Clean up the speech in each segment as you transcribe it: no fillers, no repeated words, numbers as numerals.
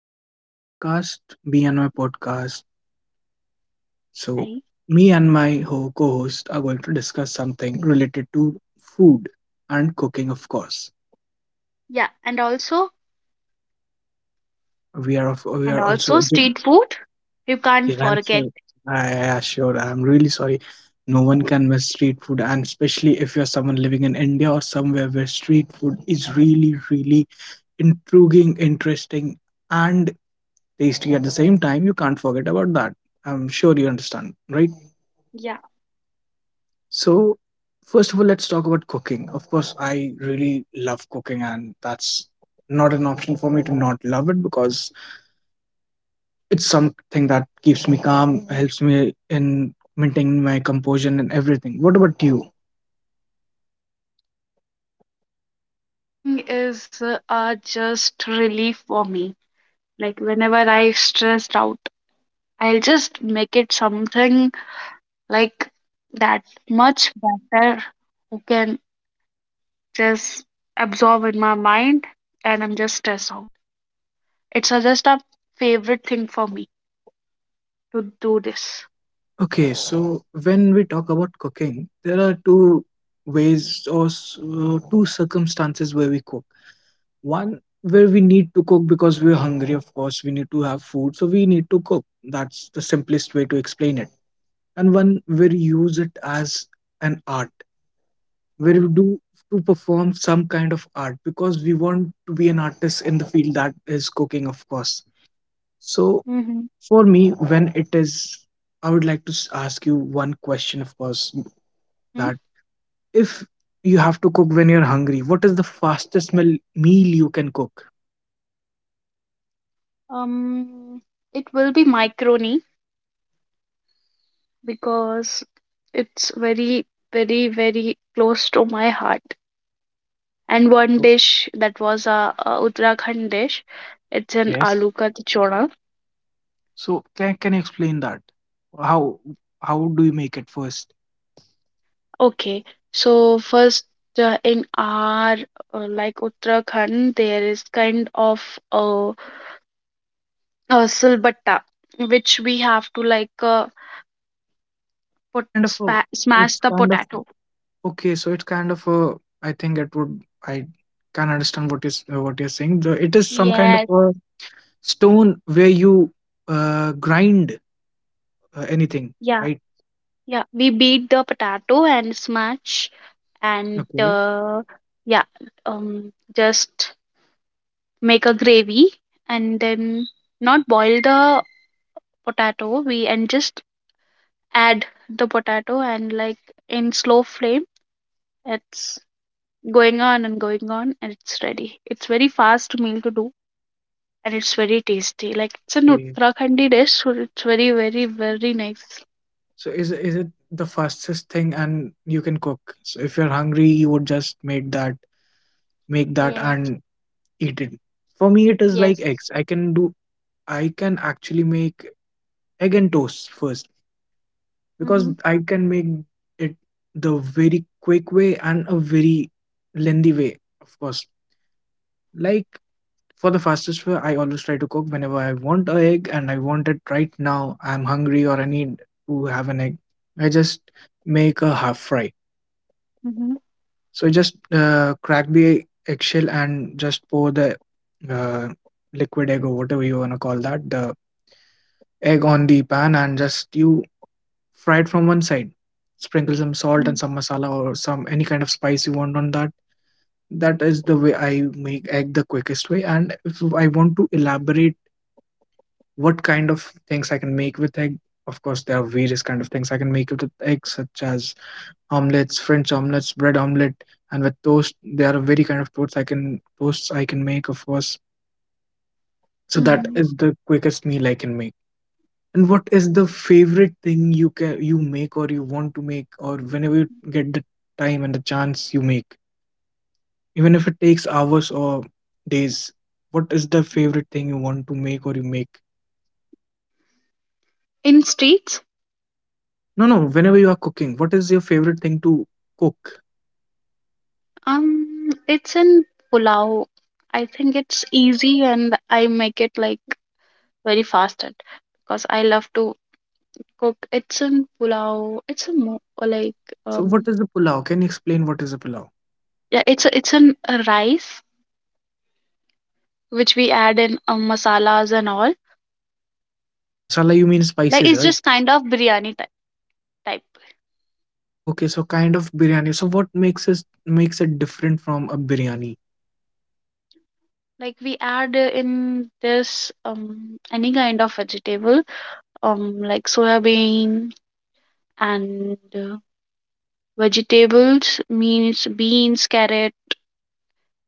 welcome to our podcast, Me and My Podcast. So, Hi. me and my co host are going to discuss something related to food and cooking, of course. Yeah, We are of, we and are also also Jim. street food. You can't Yeah, so, yeah, yeah, forget. sure. I assure. I'm really sorry. No one can miss street food, and especially if you're someone living in India or somewhere where street food is really, really intriguing, interesting, and tasty at the same time. You can't forget about that. I'm sure you understand, right? Yeah. So, first of all, let's talk about cooking. Of course, I really love cooking, and that's not an option for me to not love it because it's something that keeps me calm, helps me in maintaining my composure and everything. What about you? So, Is Just relief for me. Like whenever I stressed out, I'll just make it something like that much better who can just absorb in my mind and I'm just stressed out. Just a favorite thing for me to do this. okay, so when we talk about cooking, there are two ways or two circumstances where we cook. One, where we need to cook because we're hungry, of course, we need to have food, so we need to cook. That's the simplest way to explain it, and one where you use it as an art, where you do to perform some kind of art because we want to be an artist in the field that is cooking, of course. So Mm-hmm. for me, when it is I would like to ask you one question, of course, Hmm? that if you have to cook when you're hungry, what is the fastest meal you can cook? Um, it will be Microni because it's very, very, very close to my heart. And one So, dish that was a Uttarakhand dish, it's an yes. aloo ka tichora. So can you explain that? How how do you make it first? Okay, so first in our like Uttarakhand, there is kind of a, a silbatta, which we have to like So it put kind of a, spa smash it's the kind of potato. Okay, so it's kind of a. I think it would. I can understand what you're saying. It is some kind of Yes, a stone where you grind anything, yeah, right? yeah. We beat the potato and smash and Okay. Yeah, just make a gravy and then not boil the potato. We and just add the potato and like in slow flame. It's going on and it's ready. It's very fast meal to do and it's very tasty. Like it's an Okay. Uttarakhandi dish, so it's very very very nice. So is it the fastest thing, and you can cook. So if you're hungry, you would just make that, Yes. and eat it. For me, it is Yes. like eggs. I can do. I can actually make egg and toast first Mm-hmm. because I can make it the very quick way and a very lengthy way, of course. Like for the fastest way, I always try to cook whenever I want a egg and I want it right now. I'm hungry or I need to have an egg. I just make a half fry. Mm-hmm. So just crack the eggshell and just pour the uh, liquid egg, or whatever you want to call that, the egg on the pan and just you fried from one side. Sprinkle some salt and some masala or some any kind of spice you want on that. That is the way I make egg the quickest way. And if I want to elaborate what kind of things I can make with egg, of course there are various kind of things I can make with egg, such as omelets, French omelets, bread omelet, and with toast. There are very kind of toasts I can make, of course. So that Mm-hmm. is the quickest meal I can make. And what is the favorite thing you make, or you want to make, or whenever you get the time and the chance you make? Even if it takes hours or days, what is the favorite thing you want to make or you make? In streets. No, no, whenever you are cooking, what is your favorite thing to cook? It's in pulao. I think it's easy and I make it like very fast at because I love to cook. It's in pulao. It's a mo or like So um what is the pulao? Can you explain what is a pulao? yeah, it's an a rice which we add in masalas and all. Masala you mean Like spices, it's right? just kind of biryani type. Okay, so kind of biryani. So what makes it different from a biryani? Like we add in this any kind of vegetable like soya bean and vegetables means beans, carrot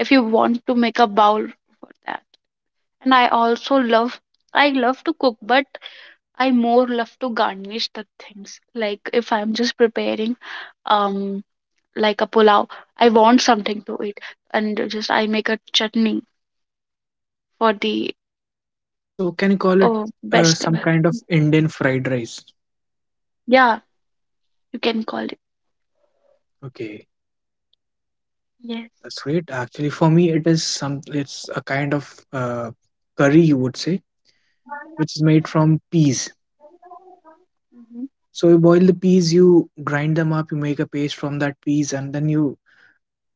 if you want to make a bowl for that. And I also love I love to cook, but I more love to garnish the things. Like if I'm just preparing um like a pulao, I want something to eat, and just I make a chutney for the So can you call it oh best level. some kind of Indian fried rice? Yeah, you can call it. Okay, Yes. that's great. Actually, for me, it is some. It's a kind of curry, you would say, which is made from peas. Hmm. So you boil the peas, you grind them up, you make a paste from that peas, and then you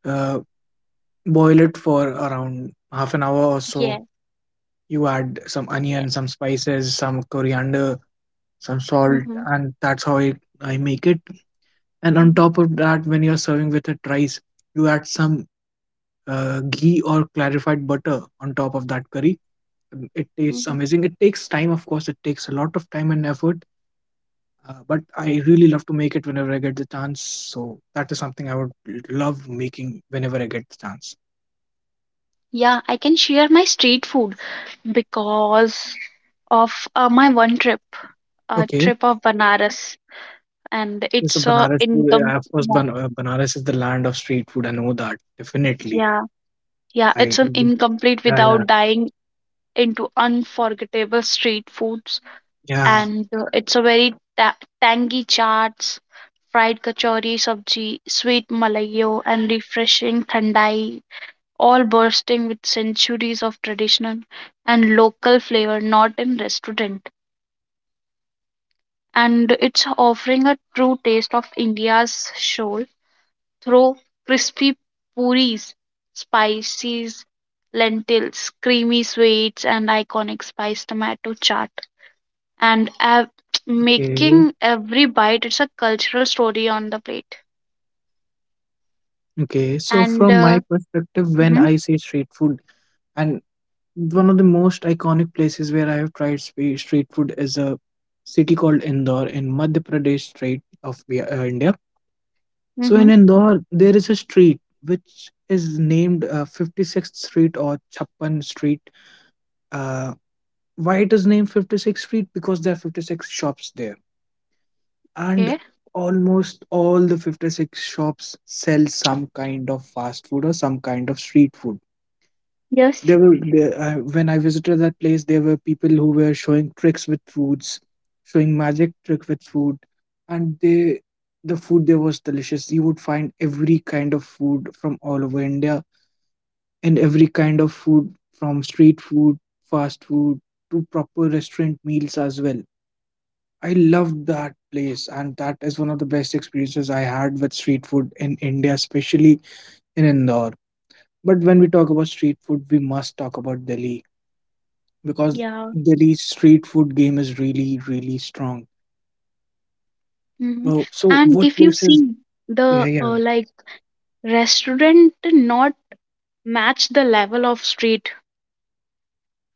uh, boil it for around half an hour or Yes. so. You add some Yes. onion, some spices, some coriander, some salt, Hmm. and that's how I make it. And Hmm. on top of that, when you're serving with a rice, you add some ghee or clarified butter on top of that curry. Mm, it tastes Hmm. amazing. It takes time, of course. It takes a lot of time and effort, but I really love to make it whenever I get the chance. So that is something I would love making whenever I get the chance. Yeah, I can share my street food because of my one trip, a Okay, trip of Banaras, and so it's a Banaras, income. of course, Banaras is the land of street food. I know that definitely. Yeah, yeah, I it's an incomplete Yeah, yeah, without dying into unforgettable street foods, yeah. and it's a very ta- tangy chaats, fried kachori, sabji, sweet malayo, and refreshing thandai, all bursting with centuries of tradition and local flavor, not in restaurant. And it's offering a true taste of India's soul through crispy puris, spices, lentils, creamy sweets, and iconic spice tomato chaat. And ev- Okay, making every bite, it's a cultural story on the plate. okay. So And from my perspective, when hmm. I say street food, and one of the most iconic places where I have tried street food is a city called Indore in Madhya Pradesh state of India. So in Hmm. Indore, there is a street which is named 56th Street or Chappan Street. Uh, why it is named 56th Street? Because there are 56 shops there. And Okay. almost all the 56 shops sell some kind of fast food or some kind of street food. Yes. When I visited that place, there were people who were showing tricks with foods, showing magic trick with food, and the food there was delicious. You would find every kind of food from all over India, and every kind of food from street food, fast food, to proper restaurant meals as well. I loved that place, and that is one of the best experiences I had with street food in India, especially in Indore. But when we talk about street food, we must talk about Delhi, because Yeah. Delhi's street food game is really, really strong. Hmm. Oh, so And what if you places? see Yeah, the yeah, like restaurant not match the level of street.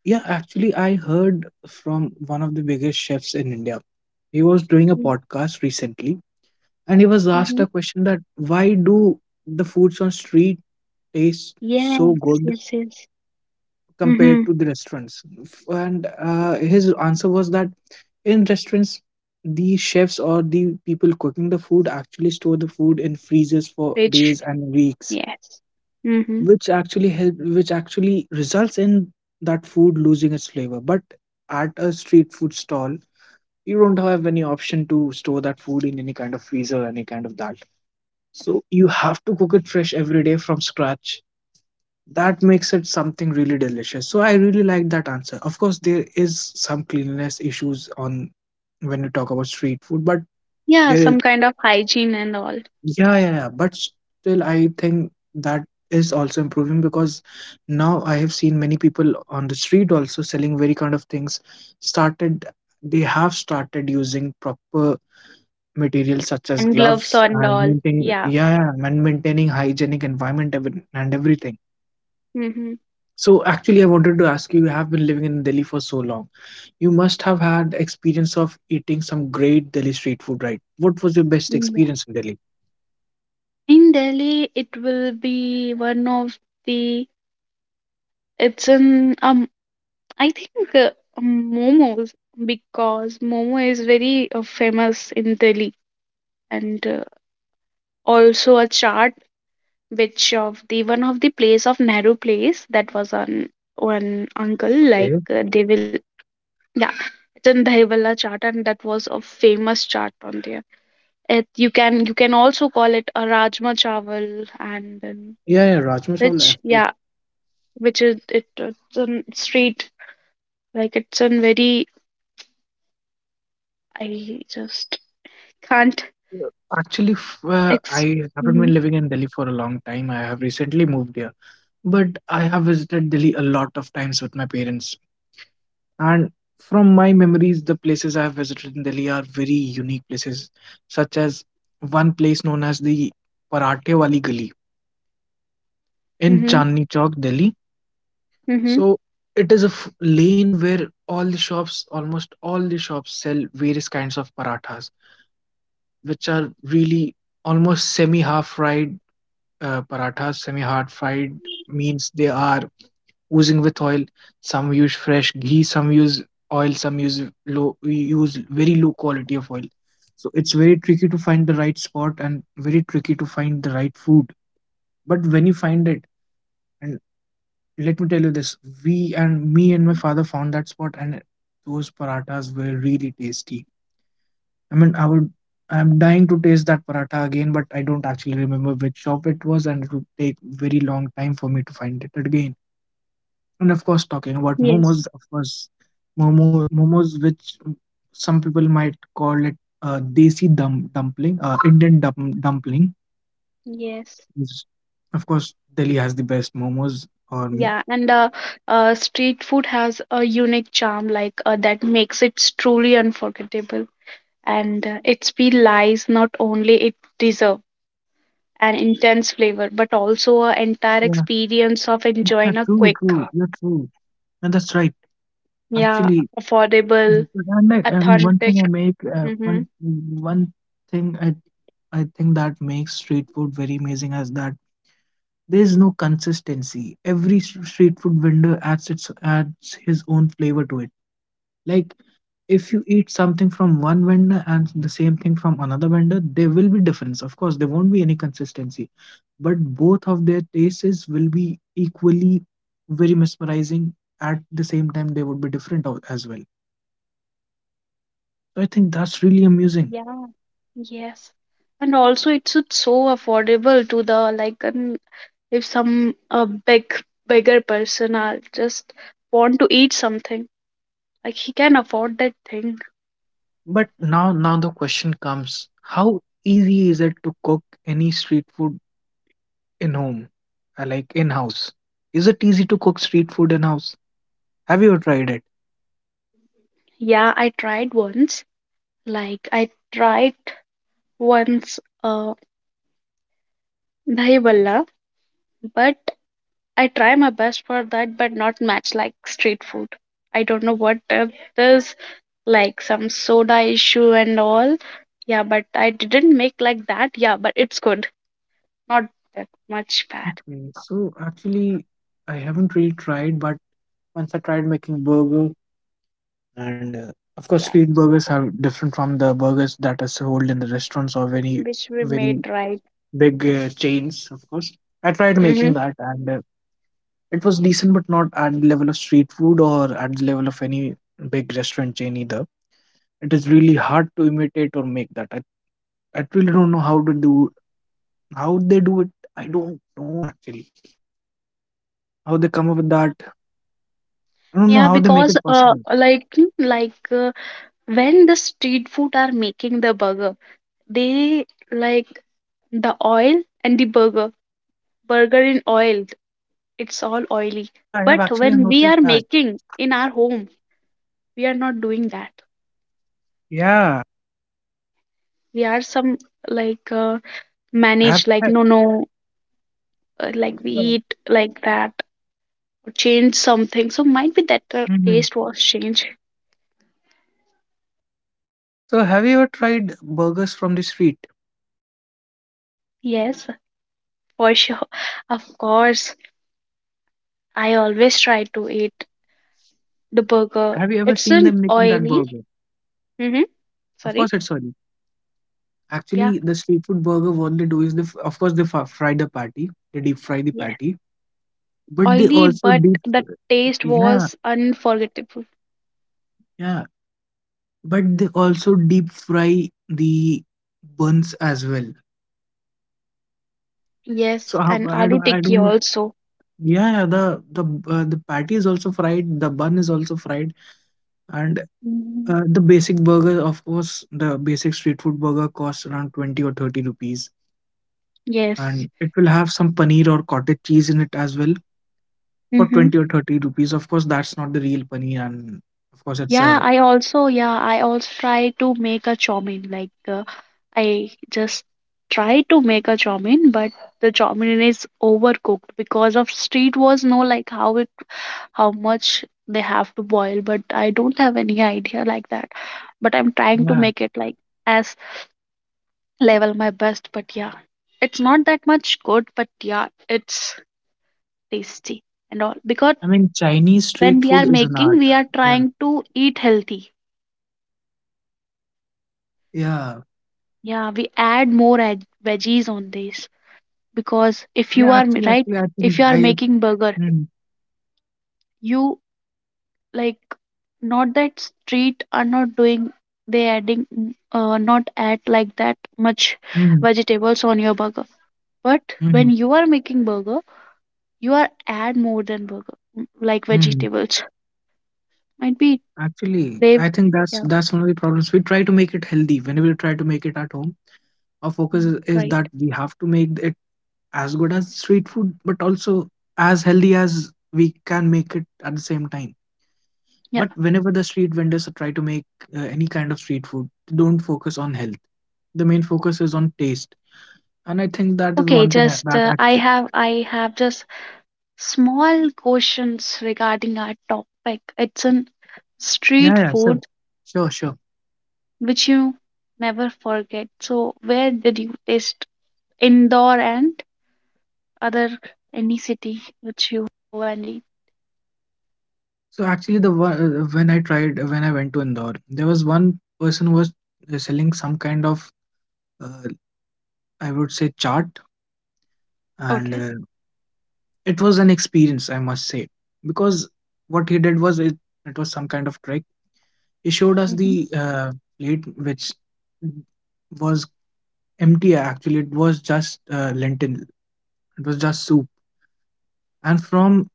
yeah. Actually, I heard from one of the biggest chefs in India. He was doing a podcast recently, and he was asked Hmm. a question that why do the foods on street taste so Yes, good yes, yes. compared Mm-hmm. to the restaurants? And his answer was that in restaurants, the chefs or the people cooking the food actually store the food in freezers for Which, days and weeks, yes. Mm-hmm. Which actually results in that food losing its flavor. But at a street food stall, you don't have any option to store that food in any kind of freezer or any kind of that, so you have to cook it fresh every day from scratch. That makes it something really delicious. So I really like that answer. Of course, there is some cleanliness issues on when you talk about street food, but Yeah, there. some kind of hygiene and all, Yeah, yeah, yeah. But still, I think that is also improving because now I have seen many people on the street also selling very kind of things. Started, they have started using proper materials such as hand gloves gloves and and all. maintaining, Yeah. yeah, yeah, and maintaining hygienic environment and everything. Mm-hmm. So actually, I wanted to ask you, you have been living in Delhi for so long. You must have had experience of eating some great Delhi street food, right? What was your best Yeah. experience in Delhi? In Delhi, it will be one of the. It's an. I think momos because momo is very famous in Delhi, and also a chaat, which of the one of the place of Nehru place that was on one uncle like Okay. They will yeah, it's in Dahibala chaat, and that was a famous chaat on there. It you can also call it a rajma chawal, and then Yeah, yeah, Rajma which chawal. yeah, which is it, it's on street like it's on very I just can't Yeah. Actually, ex. I haven't Mm-hmm, been living in Delhi for a long time. I have recently moved here, but I have visited Delhi a lot of times with my parents. And from my memories, the places I have visited in Delhi are very unique places, such as one place known as the Parathe Wali Gali in mm-hmm, Chandni Chowk, Delhi. mm-hmm. So it is a lane where all the shops, almost all the shops, sell various kinds of parathas, which are really almost semi half fried parathas semi-hard fried means they are oozing with oil. Some use fresh ghee, some use oil, some use very low quality of oil. So it's very tricky to find the right spot and very tricky to find the right food. But when you find it, and let me tell you this, we and me and my father found that spot, and those parathas were really tasty. I mean, I'm dying to taste that paratha again, but I don't actually remember which shop it was, and it would take very long time for me to find it again. And of course, talking about Yes, momos, of course, momos, which some people might call it desi dum dumpling, Indian dum dumpling. yes. is- Of course, Delhi has the best momos. Or, Yeah, and street food has a unique charm like that makes it truly unforgettable, and its speed lies not only it deserves. An intense flavor, but also an entire yeah, experience of yeah, enjoying a true, quick, true, you're true, and that's right. yeah, Actually, affordable, and authentic. Mm-hmm. one thing I think that makes street food very amazing is that there is no consistency. Every street food vendor adds his own flavor to it. Like if you eat something from one vendor and the same thing from another vendor, there will be difference. Of course, there won't be any consistency, but both of their tastes will be equally very mesmerizing. At the same time, they would be different as well. So I think that's really amusing. Yeah, yes. And also, it's so affordable to the like, an, if some a big, bigger person are just want to eat something, like he can afford that thing. But now the question comes, how easy is it to cook any street food in home? Like in house? Is it easy to cook street food in house? Have you tried it? Yeah, I tried once. Like I tried once, dahi bhalla, but I try my best for that, but not match like street food. I don't know what there's like some soda issue and all. Yeah, but I didn't make like that. Yeah, but it's good. Not that much bad. Okay, so actually, I haven't really tried, but once I tried making burger, and of course, Yeah, street burgers are different from the burgers that are sold in the restaurants or which we very made right. big chains. Of course, I tried making Mm-hmm. that, and it was decent, but not at the level of street food or at the level of any big restaurant chain either. It is really hard to imitate or make that. I really don't know how to do how they do it. I don't know actually how they come up with that. I don't know Yeah, how they make because it possible. like like when the street food are making the burger, they like the oil and the burger. Burger in oil, it's all oily. Yeah, I have But actually when we are noticed that. making in our home we are not doing that Yeah, we are some like I have. manage like I- no no like we uh, eat like that or change something so might be that the mhm. taste was changed. So, have you ever tried burgers from the street? Yes, for sure, of course, I always try to eat the burger. Have you ever It's seen an them making that oily. burger? Mm-hmm. Of Sorry. course, it's sorry. Yeah, Actually, the street food burger, what they do is of course, they fry the patty, they deep fry the yeah, patty, but they oily also but deep, the taste yeah, was unforgettable. yeah, but they also deep fry the buns as well. Yes, So how, and aloo I tikki don't know. also. Yeah, yeah, the the patty is also fried, the bun is also fried, and Mhm. The basic burger, of course, the basic street food burger costs around 20 or 30 rupees, Yes. and it will have some paneer or cottage cheese in it as well for Mm-hmm. 20 or 30 rupees. Of course, that's not the real money, and of course it's Yeah, a, yeah, I also try to make a chow mein. Like, I just try to make a chow mein, but the chow mein is overcooked because of street was no like how it, how much they have to boil. But I don't have any idea like that. But I'm trying to yeah, make it like as level my best. But yeah, it's not that much good, but yeah, it's tasty and all. Because I mean Chinese when street we food are is an making, art. we are Yeah, trying to eat healthy. yeah, Yeah, we add more ag- veggies on this because if you yeah, are m- actually right, actually I think if you are I making burger, mm, you like not that street are not doing they adding not add like that much mm, vegetables on your burger. But when mm, you are making burger, you are add more than burger like mm. vegetables. Might be actually I brave. think that's Yeah, one of the problems. We try to make it healthy. Whenever we try to make it at home, our focus is right. that we have to make it as good as street food but also as healthy as we can make it at the same time. Yeah. But whenever the street vendors try to make any kind of street food, they don't focus on health. The main focus is on taste, and I think that is Okay, one thing just that actually. I have just small questions regarding our topic. It's an street Yeah, yeah, sure, food sure. which you never forget. So, where did you taste Indore and other any city which you go and eat? So actually, the when I tried when I went to Indore, there was one person who was selling some kind of uh, I would say chart, and Okay. It was an experience I must say because what he did was it was some kind of trick. He showed us Hmm. the plate which was empty. Actually, it was just lentil. It was just soup, and from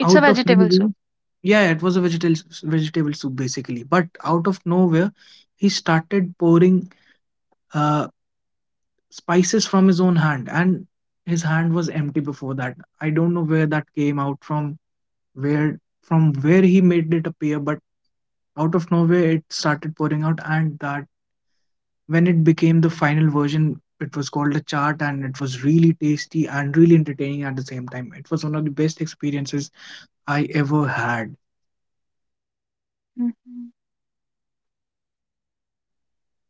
It's a out of vegetable nowhere, soup. yeah, it was a vegetable soup basically, but out of nowhere he started pouring uh, spices from his own hand, and his hand was empty before that. I don't know where that came out from, where from where he made it appear, but out of nowhere it started pouring out. And that when it became the final version, it was called a chart, and it was really tasty and really entertaining at the same time. It was one of the best experiences I ever had. Mhm.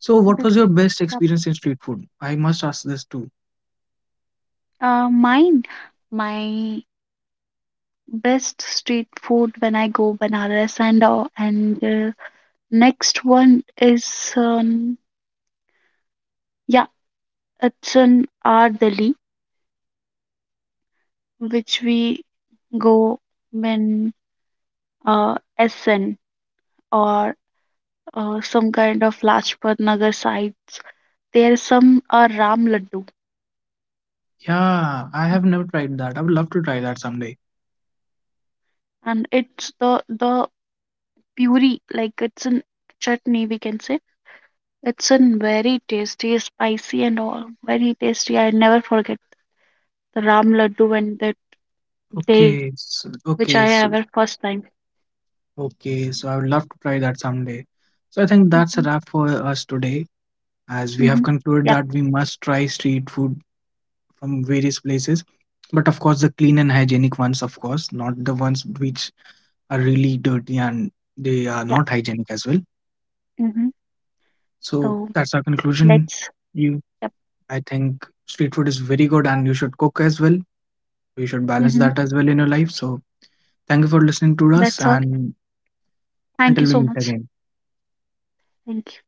So, what Big was your best cup. experience in street food? I must ask this too. Uh, mine, my best street food when I go Banaras and next one is um, yeah, it's an Ardeli. Which we go when Essen or some kind of Lajpat Nagar sites. There some are Ram Laddu, Yeah, I have never tried that. I would love to try that someday. and it's the puri like it's an chutney we can say. It's an very tasty, spicy and all very tasty. I never forget the Ram Laddu and the day Okay, so, which okay, I so ever first time. okay, so I would love to try that someday. So I think that's a Hmm. wrap for us today, as we have Hmm. concluded Yep. that we must try street food from various places, but of course the clean and hygienic ones, of course not the ones which are really dirty and they are Yeah. not hygienic as well. Hmm. So So that's our conclusion. let's. You, Yep. I think street food is very good, and you should cook as well. You should balance Hmm. that as well in your life. So thank you for listening to us, That's all. and Thank you until we so meet much. again. Thank you.